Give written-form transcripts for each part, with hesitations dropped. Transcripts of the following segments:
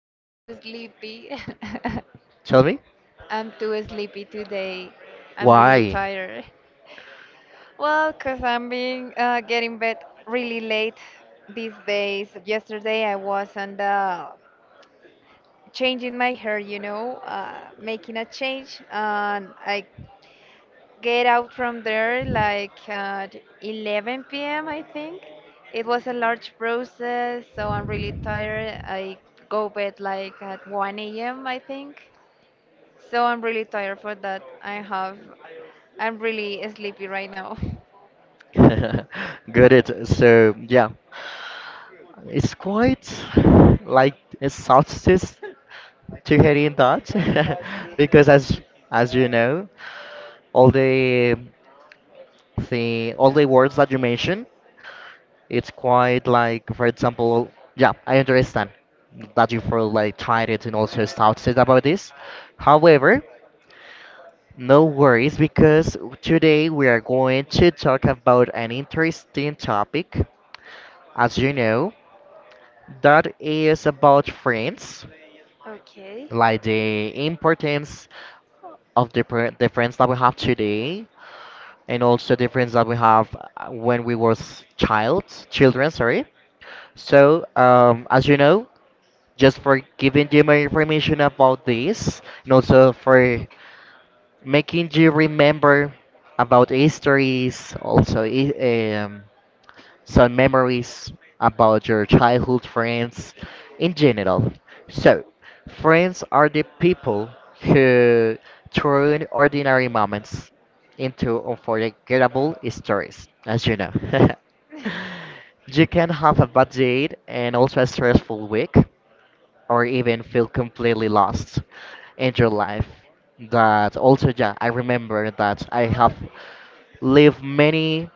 I'm too sleepy. Tell me? I'm too sleepy today. I'm really Why? tired. Well, 'cause I'm being getting bed really late these days. Yesterday I was on the changing my hair, you know, making a change, and I get out from there like at 11 p.m. I think. It was a large process, so I'm really tired. I go bed like at 1 a.m. I think. So I'm really tired for that. I'm really sleepy right now. Got so yeah, it's quite like a solstice to hearing that because as you know, all the all the words that you mentioned, it's quite like for example, yeah, I understand that you feel like tired and also started about this. However, no worries, because today we are going to talk about an interesting topic, as you know, that is about friends, Okay. like the importance of the friends that we have today, and also the friends that we have when we was child, children, sorry. So, as you know, just for giving you more information about this, and also for making you remember about histories, um, some memories about your childhood friends in general. So, friends are the people who turn ordinary moments into unforgettable stories, as you know. You can have a bad day and also a stressful week, or even feel completely lost in your life. That also, yeah, I remember that I have lived many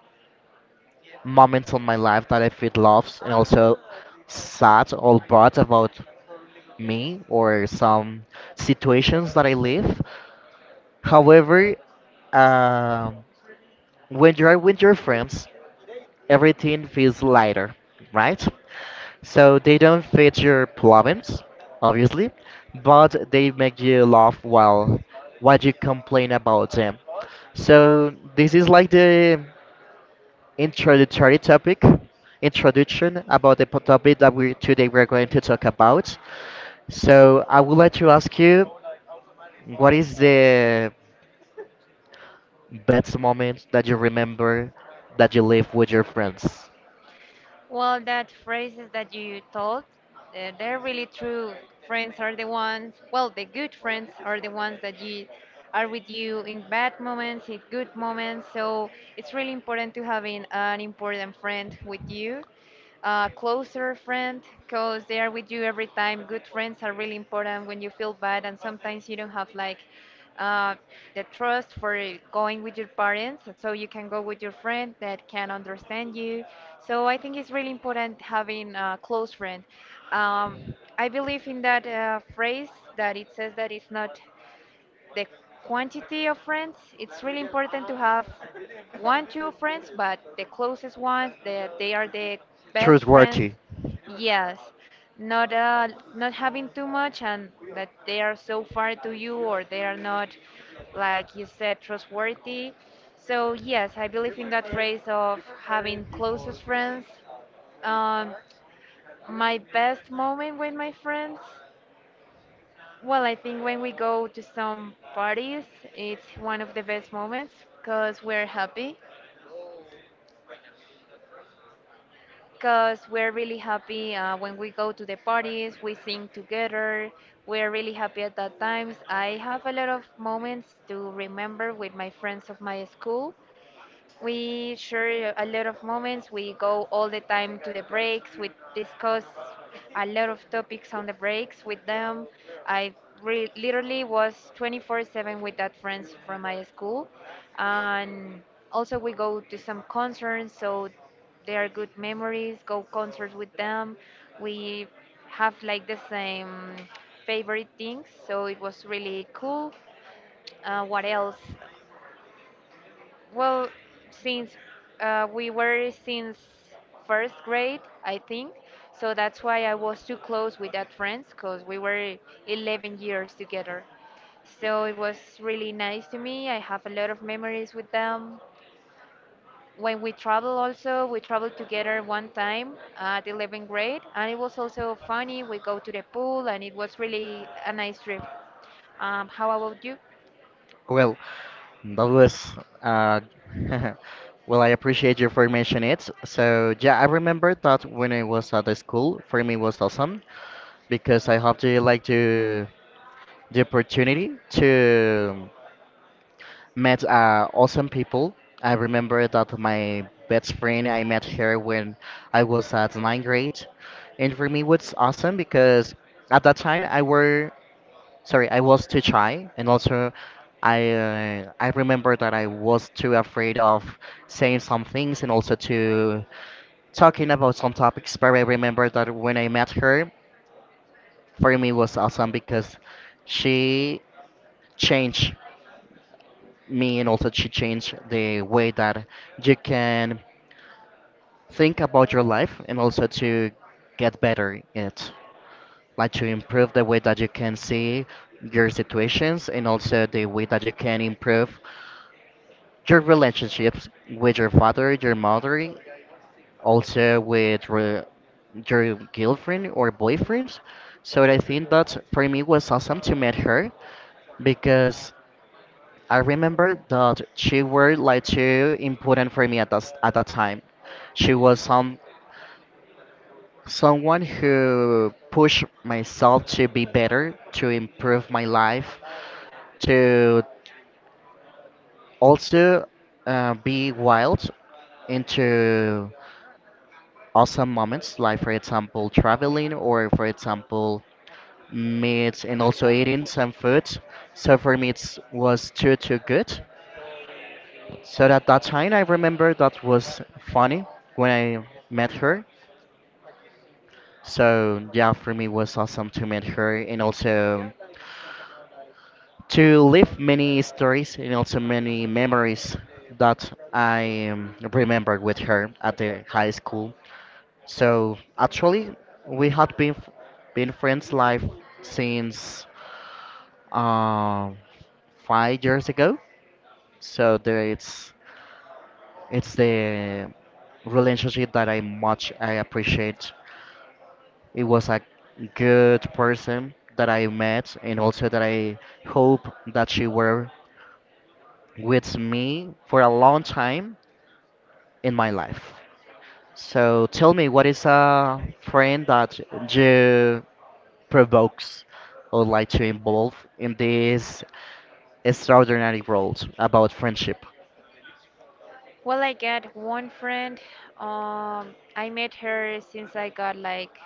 moments of my life that I feel lost and also sad or bad about me or some situations that I live. However, uh, when you are with your friends, everything feels lighter, right? So they don't fix your problems, obviously, but they make you laugh while you complain about them. So this is like the introductory topic, introduction about the topic that we today we're going to talk about. So I would like to ask you, what is the best moment that you remember that you live with your friends? Well, that phrases that you told, they're really true. Friends are the ones, well, the good friends are the ones that you are with you in bad moments, in good moments. So it's really important to having an important friend with you, a closer friend, because they are with you every time. Good friends are really important when you feel bad, and sometimes you don't have like uh, the trust for going with your parents, so you can go with your friend that can understand you. So I think it's really important having a close friend. Um, I believe in that phrase that it says that it's not the quantity of friends. It's really important to have one, two friends, but the closest ones that they are the best friends. Trustworthy. Yes, not uh, not having too much and that they are so far to you, or they are not, like you said, trustworthy. So yes, I believe in that phrase of having closest friends. um, my best moment with my friends, well, I think when we go to some parties, it's one of the best moments because we're happy. Because we're really happy when we go to the parties, we sing together. We're really happy at that times. I have a lot of moments to remember with my friends of my school. We share a lot of moments. We go all the time to the breaks. We discuss a lot of topics on the breaks with them. I literally was 24/7 with that friends from my school, and also we go to some concerts. So they are good memories. Go concerts with them. We have like the same favorite things. So it was really cool. What else? Well, since we were since first grade, I think, so that's why I was too close with that friends, because we were 11 years together. So it was really nice to me. I have a lot of memories with them. When we travel, also, we traveled together one time at 11th grade, and it was also funny. We go to the pool, and it was really a nice trip. How about you? Well, that was uh, well. I appreciate you for mentioning it. So yeah, I remember that when I was at the school, for me it was awesome because I have to like to the opportunity to met awesome people. I remember that my best friend, I met her when I was at ninth grade. And for me, it was awesome because at that time I were, sorry, I was too shy, and also I remember that I was too afraid of saying some things and also to talking about some topics. But I remember that when I met her, for me was awesome because she changed me and also to change the way that you can think about your life and also to get better it like to improve the way that you can see your situations and also the way that you can improve your relationships with your father, your mother, also with your girlfriend or boyfriends. So I think that for me was awesome to meet her because I remember that she were like too important for me at that time. She was someone who pushed myself to be better, to improve my life, to also be wild into awesome moments, like for example traveling or for example meat and also eating some food. So for me it was too good. So at that time, I remember that was funny when I met her. So yeah, for me it was awesome to meet her and also to live many stories and also many memories that I remembered with her at the high school. So actually, we had been been friends live since uh, 5 years ago. So there it's. It's the relationship that I much I appreciate. It was a good person that I met, and also that I hope that she were with me for a long time in my life. So tell me, what is a friend that you provokes or like to involve in this extraordinary world about friendship? Well, I got one friend. I met her since I got like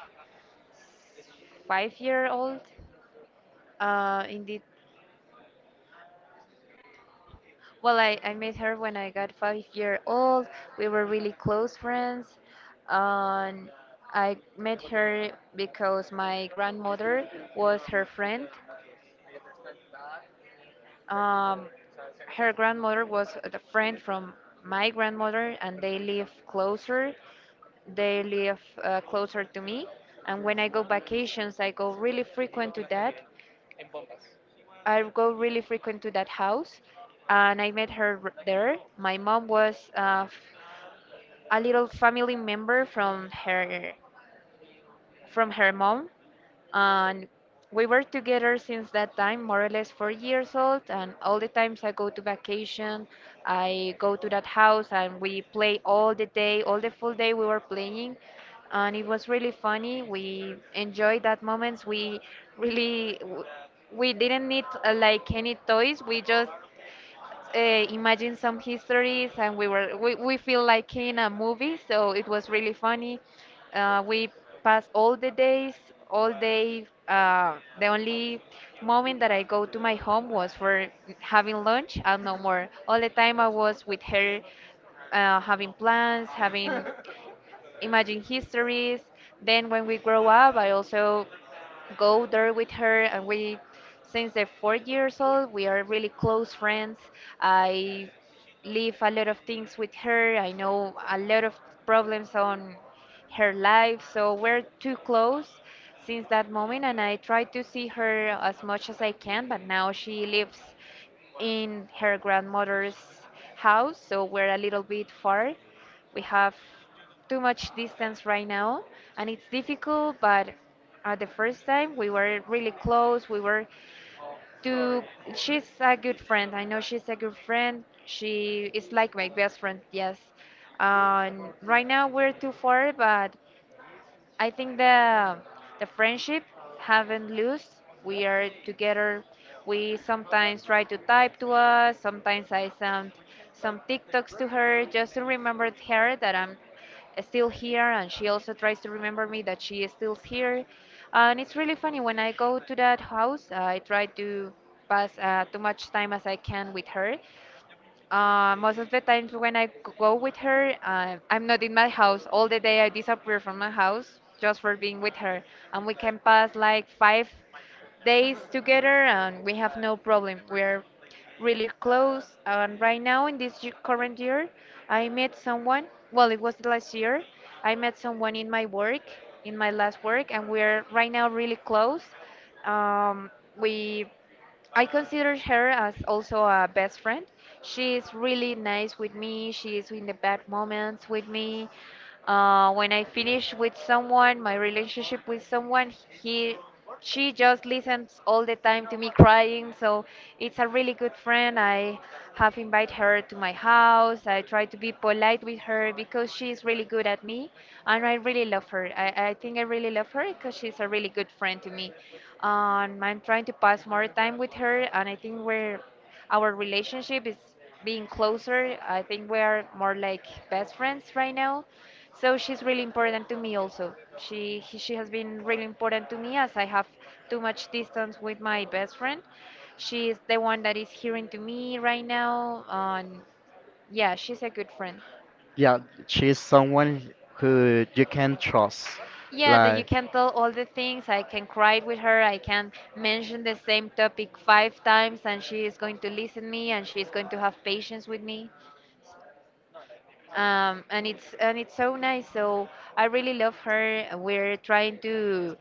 5 year old. Indeed. Well, I met her when I got 5 year old. We were really close friends. Um, I met her because my grandmother was her friend. Um, her grandmother was the friend from my grandmother, and they live closer. They live closer to me, and when I go vacations, I go really frequent to that. I go really frequent to that house, and I met her there. My mom was a little family member from her mom, and we were together since that time more or less 4 years old, and all the times I go to vacation, I go to that house and we play all the day, all the full day we were playing, and it was really funny. We enjoyed that moments. We really w- we didn't need like any toys. We just uh, imagine some histories, and we feel like in a movie, so it was really funny. We passed all the days, all day, the only moment that I go to my home was for having lunch, and no more. All the time I was with her, having plans, having imagine histories. Then when we grow up, I also go there with her, and we since they're 4 years old we are really close friends. I leave a lot of things with her. I know a lot of problems on her life, so we're too close since that moment, and I try to see her as much as I can, but now she lives in her grandmother's house, so we're a little bit far. We have too much distance right now, and it's difficult. But the first time we were really close. We were to she's a good friend. I know she's a good friend. She is like my best friend. Yes. Right now we're too far, but I think the friendship haven't lost. We are together. We sometimes try to type to us. Sometimes I send some TikToks to her just to remember her that I'm still here, and she also tries to remember me that she is still here. And it's really funny when I go to that house. I try to pass too much time as I can with her. Most of the times when I go with her, I'm not in my house. All the day I disappear from my house just for being with her. And we can pass like 5 days together and we have no problem. We're really close. And right now, in this current year, I met someone. Well, it was last year. I met someone in my work, in my last work, and we're right now really close. Um, we I consider her as also a best friend. She's really nice with me. She is in the bad moments with me. When I finish with someone, my relationship with someone, he she just listens all the time to me crying, so it's a really good friend. I have invited her to my house. I try to be polite with her because she's really good at me, and I really love her. I think I really love her because she's a really good friend to me. I'm trying to pass more time with her, and I think we're our relationship is being closer. I think we are more like best friends right now. So she's really important to me also. She has been really important to me as I have too much distance with my best friend. She is the one that is hearing to me right now. And yeah, she's a good friend. Yeah, she's someone who you can trust. Yeah, that you Like, can tell all the things. I can cry with her. I can mention the same topic five times, and she is going to listen me, and she is going to have patience with me. And it's so nice. So I really love her. We're trying to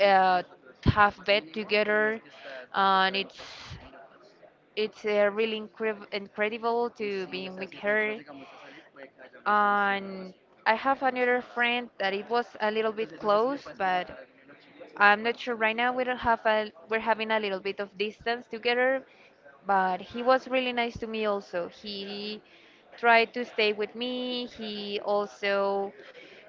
uh, have bed together, and it's really incredible to be with her. And I have another friend that it was a little bit close, but I'm not sure right now. We don't have a we're having a little bit of distance together, but he was really nice to me also. He tried to stay with me. He also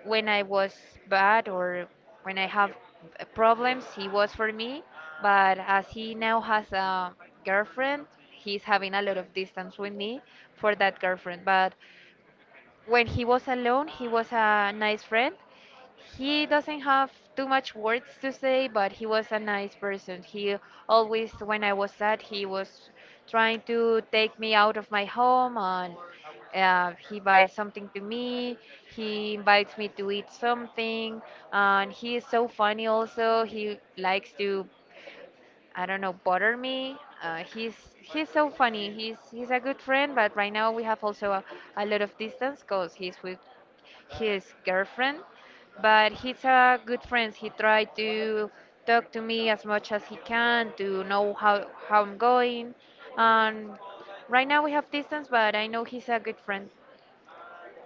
when I was bad, or when I have problems, he was for me. But as he now has a girlfriend, he's having a lot of distance with me for that girlfriend. But when he was alone, he was a nice friend. He doesn't have too much words to say, but he was a nice person. He always, when I was sad, he was trying to take me out of my home, and he buys something to me. He invites me to eat something. And he is so funny also. He likes to, I don't know, bother me. Uh, he's he's so funny. He's a good friend, but right now we have also a lot of distance because he's with his girlfriend. But he's a good friend. He tried to talk to me as much as he can to know how I'm going. And right now we have distance, but I know he's a good friend.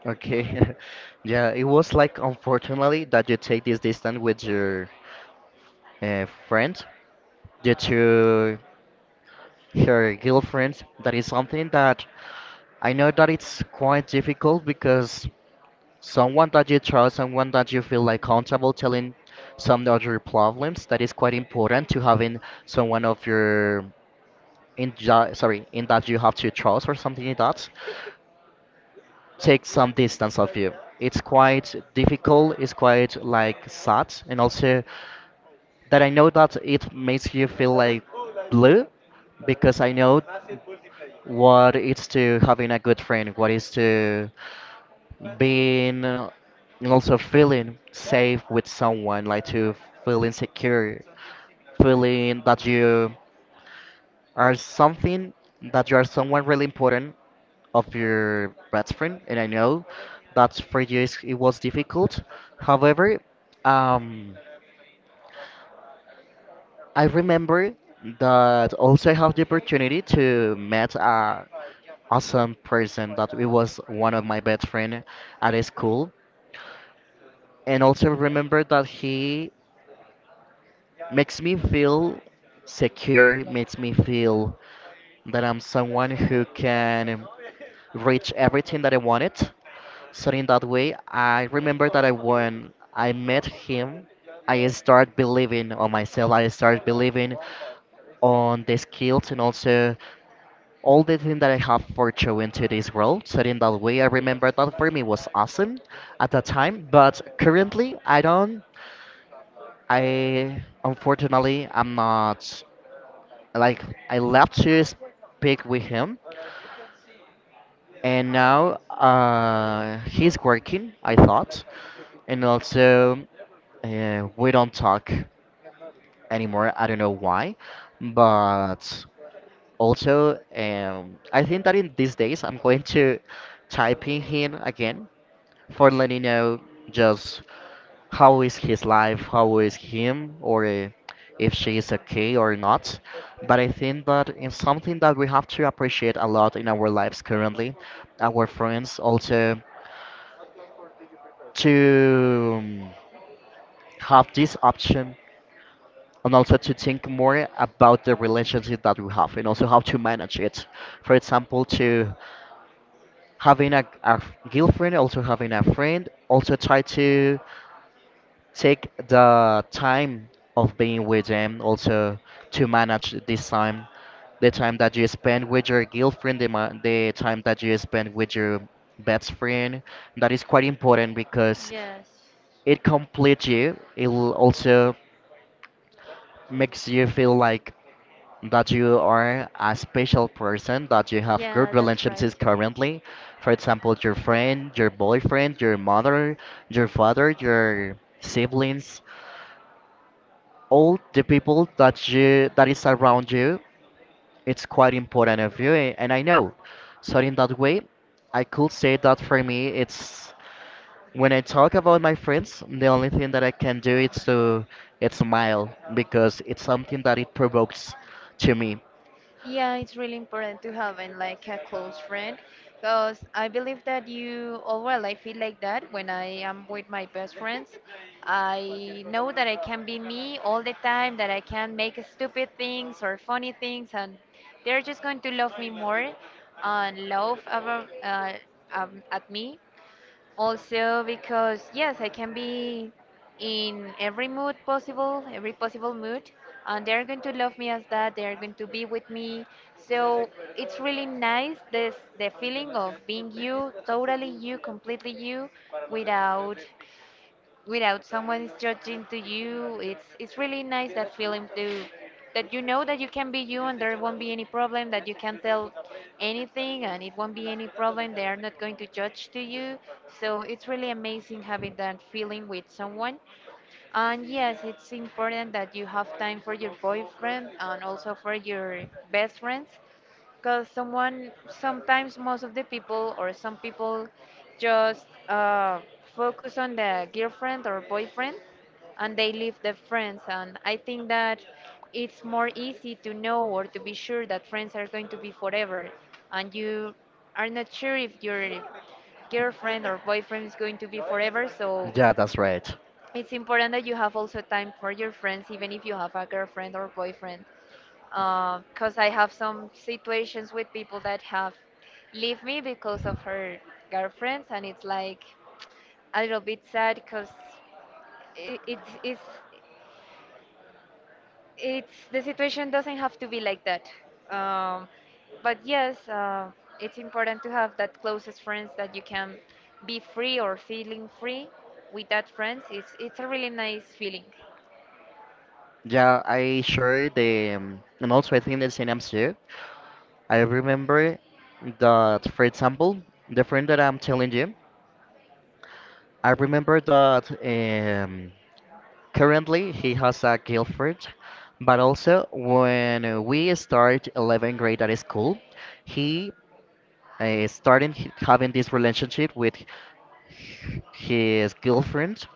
okay, yeah, it was like unfortunately that you take this distance with your friend due to her girlfriend. That is something that I know that it's quite difficult because someone that you trust, someone that you feel like comfortable telling some of your problems. That is quite important to having someone of your sorry in that you have to trust or something like that. Take some distance of you. It's quite difficult. It's quite like sad, and also that I know that it makes you feel like blue because I know what it's to having a good friend, what is to being and also feeling safe with someone, like to feeling secure, feeling that you are something, that you are someone really important of your best friend. And I know that for you it was difficult. However, um, I remember that also I have the opportunity to meet a awesome person that it was one of my best friend at his school and also remember that he makes me feel secure, makes me feel that I'm someone who can reach everything that I wanted. So in that way, I remember that I when I met him, I start believing on myself. I start believing on the skills and also all the things that I have for showing to this world. So in that way, I remember that for me was awesome at that time. But currently, I don't. I unfortunately, I'm not like I love to speak with him, and now he's working. I thought, and also we don't talk anymore. I don't know why, but also I think that in these days I'm going to type in him again for letting know just how is his life, how is him, or if she is okay or not. But I think that it's something that we have to appreciate a lot in our lives currently, our friends also to have this option and also to think more about the relationship that we have and also how to manage it. For example, to having a girlfriend, also having a friend, also try to take the time of being with them also to manage this time, the time that you spend with your girlfriend, the time that you spend with your best friend. That is quite important because it completes you, it will also makes you feel like that you are a special person, that you have good relationships currently, for example your friend, your boyfriend, your mother, your father, your siblings, all the people that you that is around you. It's quite important of you and I know. So in that way, I could say that for me it's when I talk about my friends, the only thing that I can do is to it's smile because it's something that it provokes to me. Yeah, it's really important to having like a close friend because I believe that you, oh well, I feel like that when I am with my best friends. I know that I can be me all the time, that I can make stupid things or funny things, and they're just going to love me more and laugh at me also, because yes, I can be in every mood possible, every possible mood, and they're going to love me as that. They're going to be with me. So it's really nice this the feeling of being you, totally you, completely you, without without someone is judging to you. It's really nice that feeling to that you know that you can be you and there won't be any problem, that you can tell anything and it won't be any problem. They are not going to judge to you. So it's really amazing having that feeling with someone. And yes, it's important that you have time for your boyfriend and also for your best friends, because someone sometimes most of the people or some people just focus on the girlfriend or boyfriend and they leave the friends. And I think that it's more easy to know or to be sure that friends are going to be forever, and you are not sure if your girlfriend or boyfriend is going to be forever. So Yeah, that's right. it's important that you have also time for your friends, even if you have a girlfriend or boyfriend. Because I have some situations with people that have leave me because of her girlfriends, and it's like a little bit sad because it, it's, it's, it's the situation doesn't have to be like that. Um, but yes, it's important to have that closest friends that you can be free or feeling free with that friends. It's a really nice feeling. Yeah, I share the, and also I think the same I'm too. I remember that, for example, the friend that I'm telling you, I remember that currently he has a girlfriend, but also when we start 11th grade at school, he starting having this relationship with his girlfriend.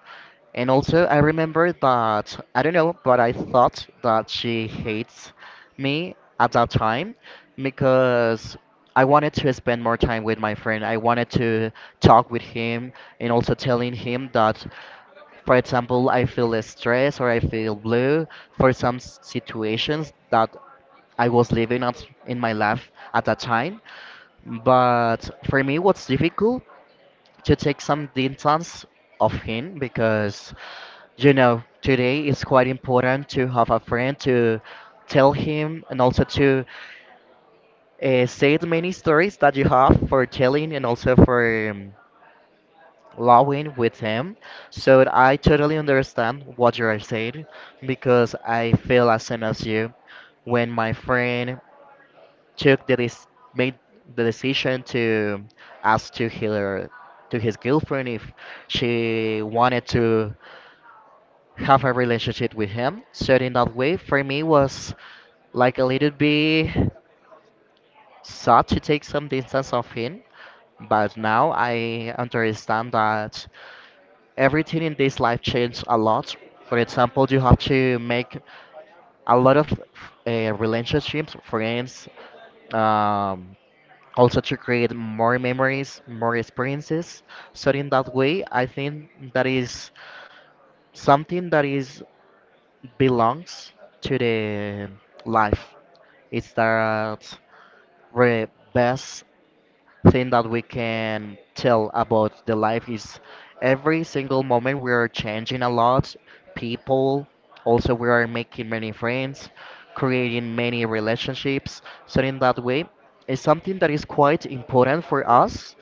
And also, I remember that I don't know, but I thought that she hates me at that time because I wanted to spend more time with my friend. I wanted to talk with him and also telling him that, for example, I feel stressed or I feel blue for some situations that I was living at in my life at that time. But for me, what's difficult to take some distance of him because you know today it's quite important to have a friend to tell him and also to say the many stories that you have for telling and also for laughing with him. So I totally understand what you are saying because I feel as same as you when my friend took the made the decision to ask to her, to his girlfriend, if she wanted to have a relationship with him. So in that way, for me was like a little bit sad to take some distance of him. But now I understand that everything in this life changed a lot. For example, you have to make a lot of relationships, friends, um, also to create more memories, more experiences. So in that way, I think that is something that is belongs to the life. It's that the best thing that we can tell about the life is every single moment we are changing a lot, people. Also, we are making many friends, creating many relationships. So in that way, it's something that is quite important for us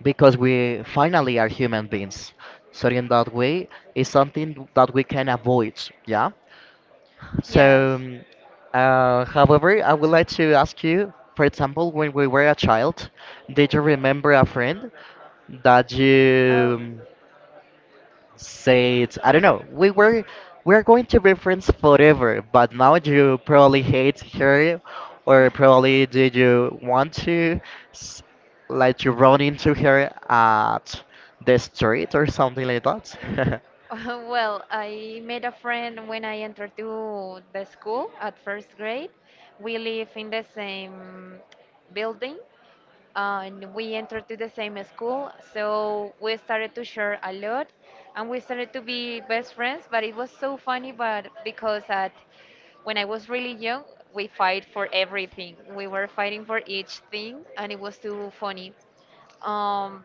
because we finally are human beings. So in that way, it's something that we can avoid. Yeah. So, Yes. However, I would like to ask you, for example, when we were a child, did you remember a friend that you say it's I don't know. We were we're going to reference forever, but now you probably hate her, or probably did you want to s- like to run into her at the street or something like that? Oh, well, I made a friend when I entered to the school at first grade. We live in the same building, and we entered to the same school, so we started to share a lot and we started to be best friends. But it was so funny, but because at when I was really young, we fight for everything. We were fighting for each thing and it was too funny. um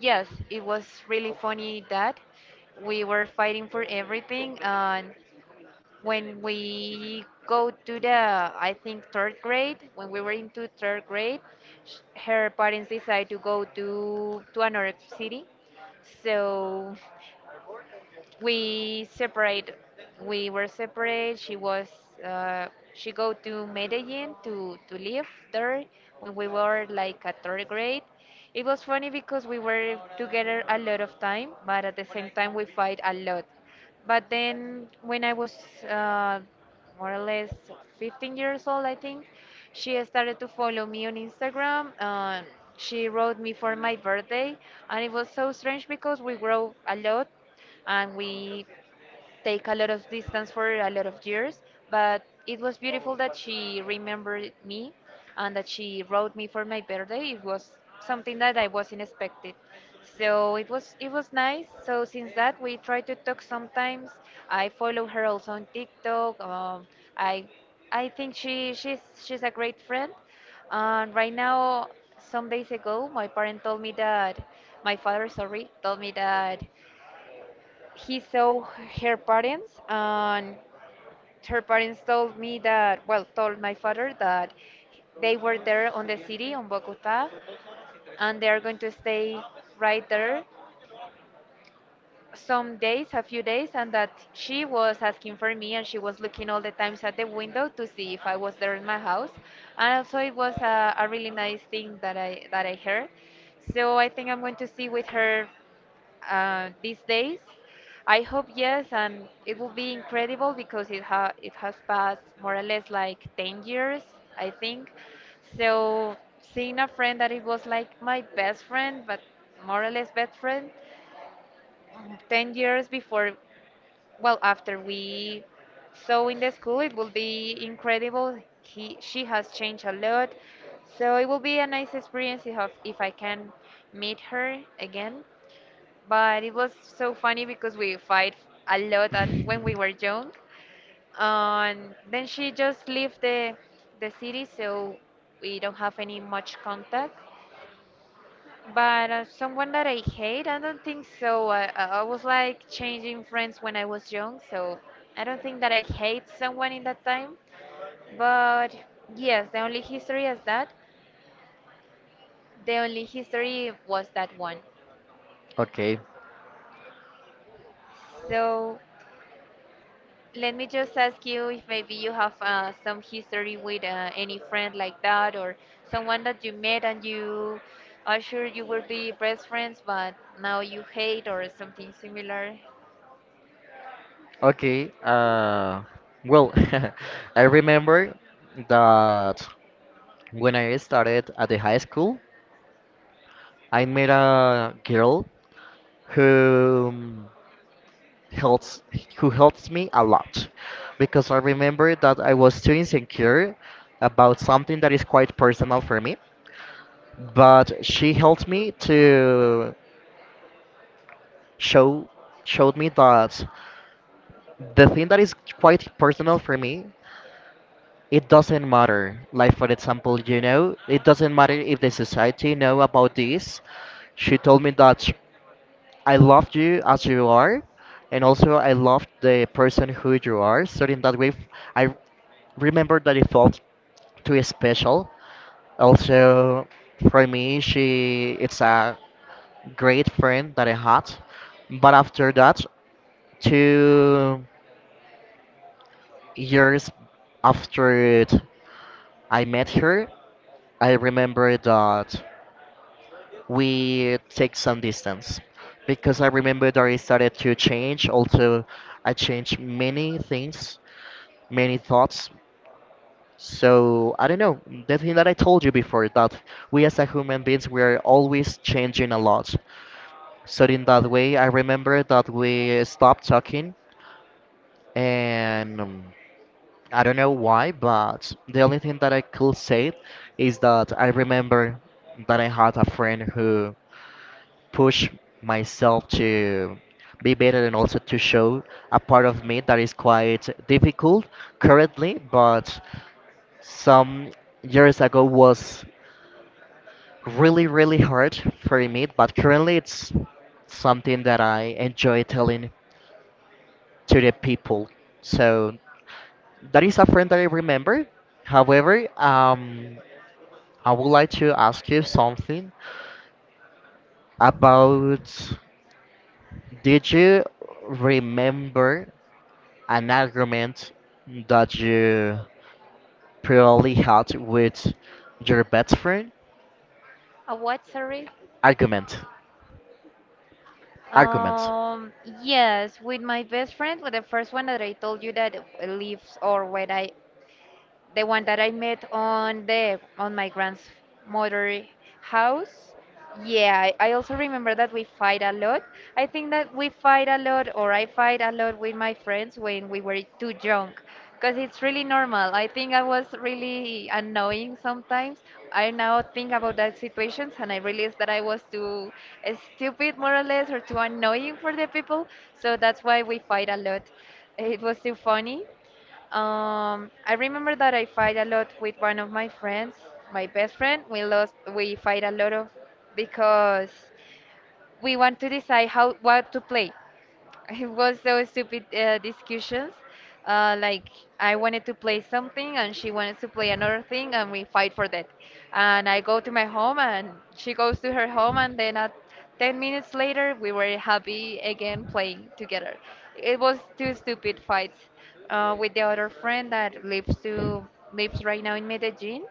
yes, it was really funny that we were fighting for everything. And when we go to the, I think, third grade, when we were into third grade, her parents decided to go to another city, so we separate. We were separate. She was uh, she go to Medellin to live there when we were like at third grade. It was funny because we were together a lot of time, but at the same time we fight a lot. But then when I was more or less 15 years old, I think, she started to follow me on Instagram. She wrote me for my birthday and it was so strange because we grow a lot and we take a lot of distance for a lot of years. But it was beautiful that she remembered me and that she wrote me for my birthday. It was something that I wasn't expected. So it was, it was nice. So since that we try to talk sometimes. I follow her also on TikTok. I I think she's a great friend. And right now, some days ago my parent told me that, my father, sorry, told me that he saw her parents, and her parents told me that, well, told my father that they were there on the city, on Bogota, and they are going to stay right there some days, a few days, and that she was asking for me and she was looking all the times at the window to see if I was there in my house. And also it was a really nice thing that i heard. So I think I'm going to see with her these days? I hope yes, and it will be incredible because it has passed more or less like 10 years, I think. So seeing a friend that it was like my best friend, but more or less best friend, mm, 10 years before, well, after we saw in the school, it will be incredible. He she has changed a lot, so it will be a nice experience if I can meet her again. But it was so funny because we fight a lot when we were young. And then she just left the city, so we don't have any much contact. But someone that I hate, I don't think so. I was like changing friends when I was young, so I don't think that I hate someone in that time. But yes, the only history is that. The only history was that one. Okay. So let me just ask you if maybe you have some history with any friend like that, or someone that you met and you are sure you will be best friends, but now you hate, or something similar. Okay. Well, I remember that when I started at the high school, I met a girl who helps who helps me a lot because I remember that I was too insecure about something that is quite personal for me, but she helped me to show showed me that the thing that is quite personal for me it doesn't matter, like for example, you know it doesn't matter if the society know about this. She told me that I loved you as you are, and also I loved the person who you are. So in that way, I remember that it felt too special. Also, for me, she it's a great friend that I had. But after that, 2 years after it, I met her. I remember that we take some distance because I remember that I started to change. Also, I changed many things, many thoughts. So I don't know. The thing that I told you before, that we as a human beings we are always changing a lot. So in that way, I remember that we stopped talking, and I don't know why, but the only thing that I could say is that I remember that I had a friend who push myself to be better and also to show a part of me that is quite difficult currently, but some years ago was really, really hard for me, but currently it's something that I enjoy telling to the people. So that is a friend that I remember. However, I would like to ask you something about, did you remember an argument that you probably had with your best friend. What, sorry? Argument. Argument. Um, yes, with my best friend, with the first one that I told you that lives or where I the one that I met on the on my grandmother house. Yeah, I also remember that we fight a lot. I think that we fight a lot, or I fight a lot with my friends when we were too young, because it's really normal. I think I was really annoying sometimes. I now think about that situations, and I realize that I was too stupid, more or less, or too annoying for the people. So that's why we fight a lot. It was too funny. I remember that I fight a lot with one of my friends, my best friend. We lost. We fight a lot of because we want to decide how what to play. It was so stupid discussions. Like, I wanted to play something and she wanted to play another thing and we fight for that. And I go to my home and she goes to her home, and then at 10 minutes later we were happy again playing together. It was two stupid fights. With the other friend that lives right now in Medellin,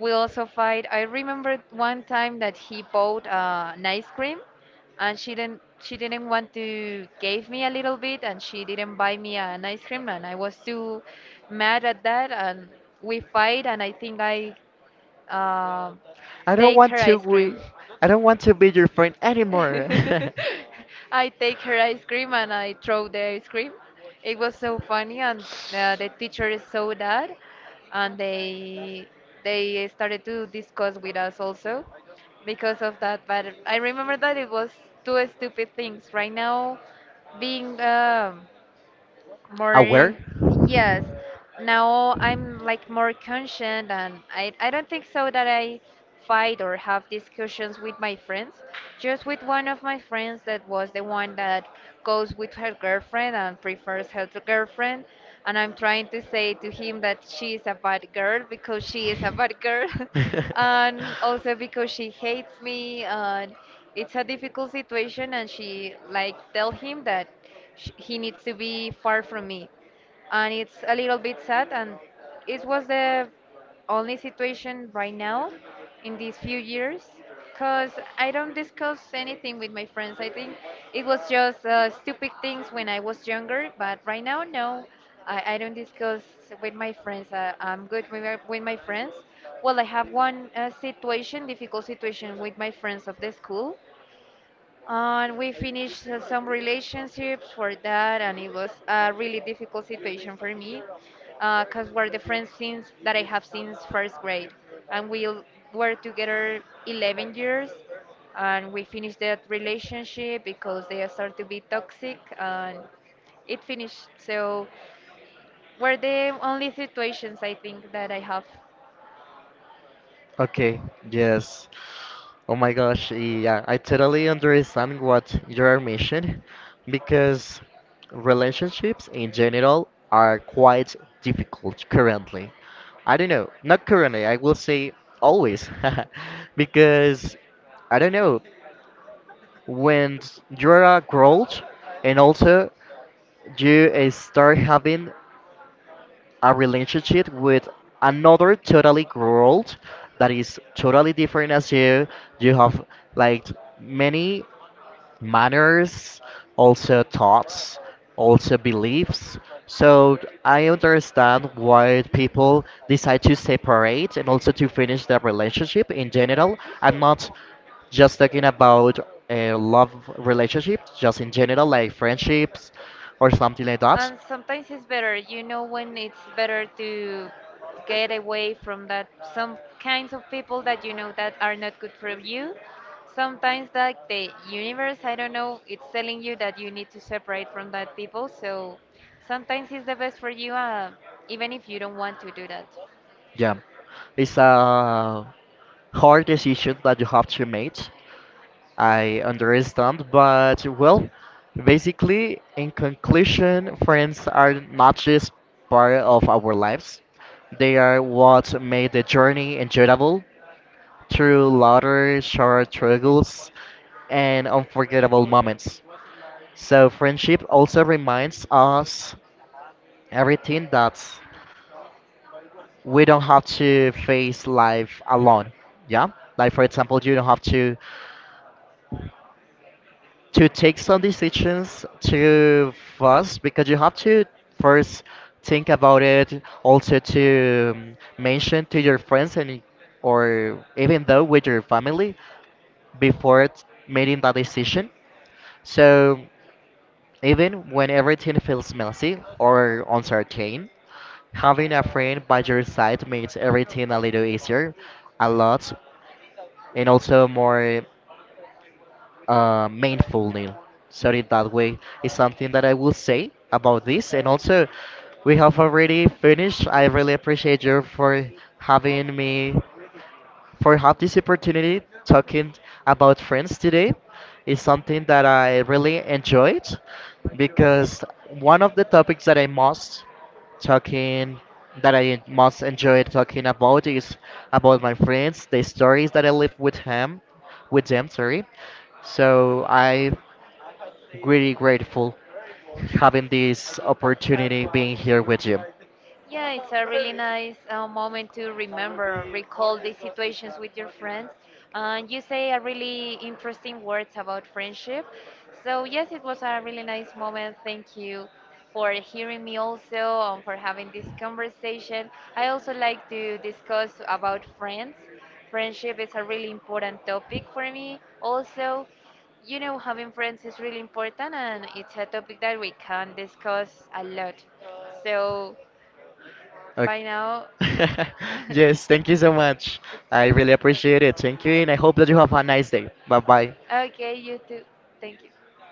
we also fight. I remember one time that he bought an ice cream, and she didn't want to give me a little bit, and she didn't buy me an ice cream, and I was too mad at that. And we fight, and I think I uh, I don't take want her to ice we cream. I don't want to be your friend anymore. I take her ice cream and I throw the ice cream. It was so funny. And the teacher saw that, and they started to discuss with us also because of that. But I remember that it was two stupid things. Right now, being Aware? more, yes, now I'm like more conscious, and I don't think so that I fight or have discussions with my friends. Just with one of my friends that was the one that goes with her girlfriend and prefers her to girlfriend, and I'm trying to say to him that she is a bad girl because she is a bad girl and also because she hates me, and it's a difficult situation, and she like tell They'll think him that that sh he he needs needs to to be be far far from from me, me. and And it's it's a a little little bit bit sad, sad. and And it it was was the the only only situation situation right right now now in in these few these few years, years, because because I I don't don't discuss discuss anything anything with with my my friends, I friends. think. It It was was just just stupid stupid things things when when I I was was younger, younger, but but right right now, now, no, no. I I don't don't discuss discuss with with my my friends. friends. I'm good with with With my my friends. friends, Well, I have one one. situation, difficult situation with my friends of the school, and we finished some relationships for that, and it was a really difficult situation for me, because we're the friends since that I have since first grade, and were together 11 years, and we finished that relationship because they started to be toxic, and it finished. So, were the only situations I think that I have. Okay, yes. Oh my gosh, yeah, I totally understand what you're mentioning because relationships in general are quite difficult currently. I don't know, not currently, I will say always, because I don't know, when you're a growth and also you start having a relationship with another totally world that is totally different as you. You have like many manners, also So I thoughts, want also to beliefs. establish a So I relationship. understand why people decide to separate and also to finish their relationship in general. You I'm have not just talking about been a love relationship, just in general, like enriching. friendships or something like that. And sometimes it's better, you know, when it's better to get away from that some kinds of people that you know that are not good for you. Sometimes like the universe, I don't know, it's telling you that you need to separate from that people. So sometimes it's the best for you, even if you don't want to do that. Yeah, it's a hard decision that you have to make. I understand, but well, basically, in conclusion, friends are not just part of our lives. They are what made the journey enjoyable through laughter, short struggles, and unforgettable moments. So friendship also reminds us everything that we don't have to face life alone. Yeah, like for example, you don't have to take some decisions too fast because you have to first think about it. Also to mention to your friends and or even though with your family before making that decision. So. Even when everything feels messy or uncertain, having a friend by your side makes everything a little easier, a lot, and also more mindfully. So in that way is something that I will say about this. And also, we have already finished. I really appreciate you for having me, for have this opportunity talking about friends today is something that I really enjoyed because one of the topics that I most talking that I most enjoy talking about is about my friends, the stories that I live with him, with them, sorry. So I'm really grateful having this opportunity being here with you. Yeah, it's a really nice moment to remember, recall these situations with your friends. And you say a really interesting words about friendship. So yes, it was a really nice moment. Thank you for hearing me also and for having this conversation. I also like to discuss about friends. Friendship is a really important topic for me. Also, you know, having friends is really important and it's a topic that we can discuss a lot. So Okay. by now. Yes, thank you so much. I really appreciate it. Thank you, and I hope that you have a nice day. Bye bye. Bye. Okay, you too. Thank you.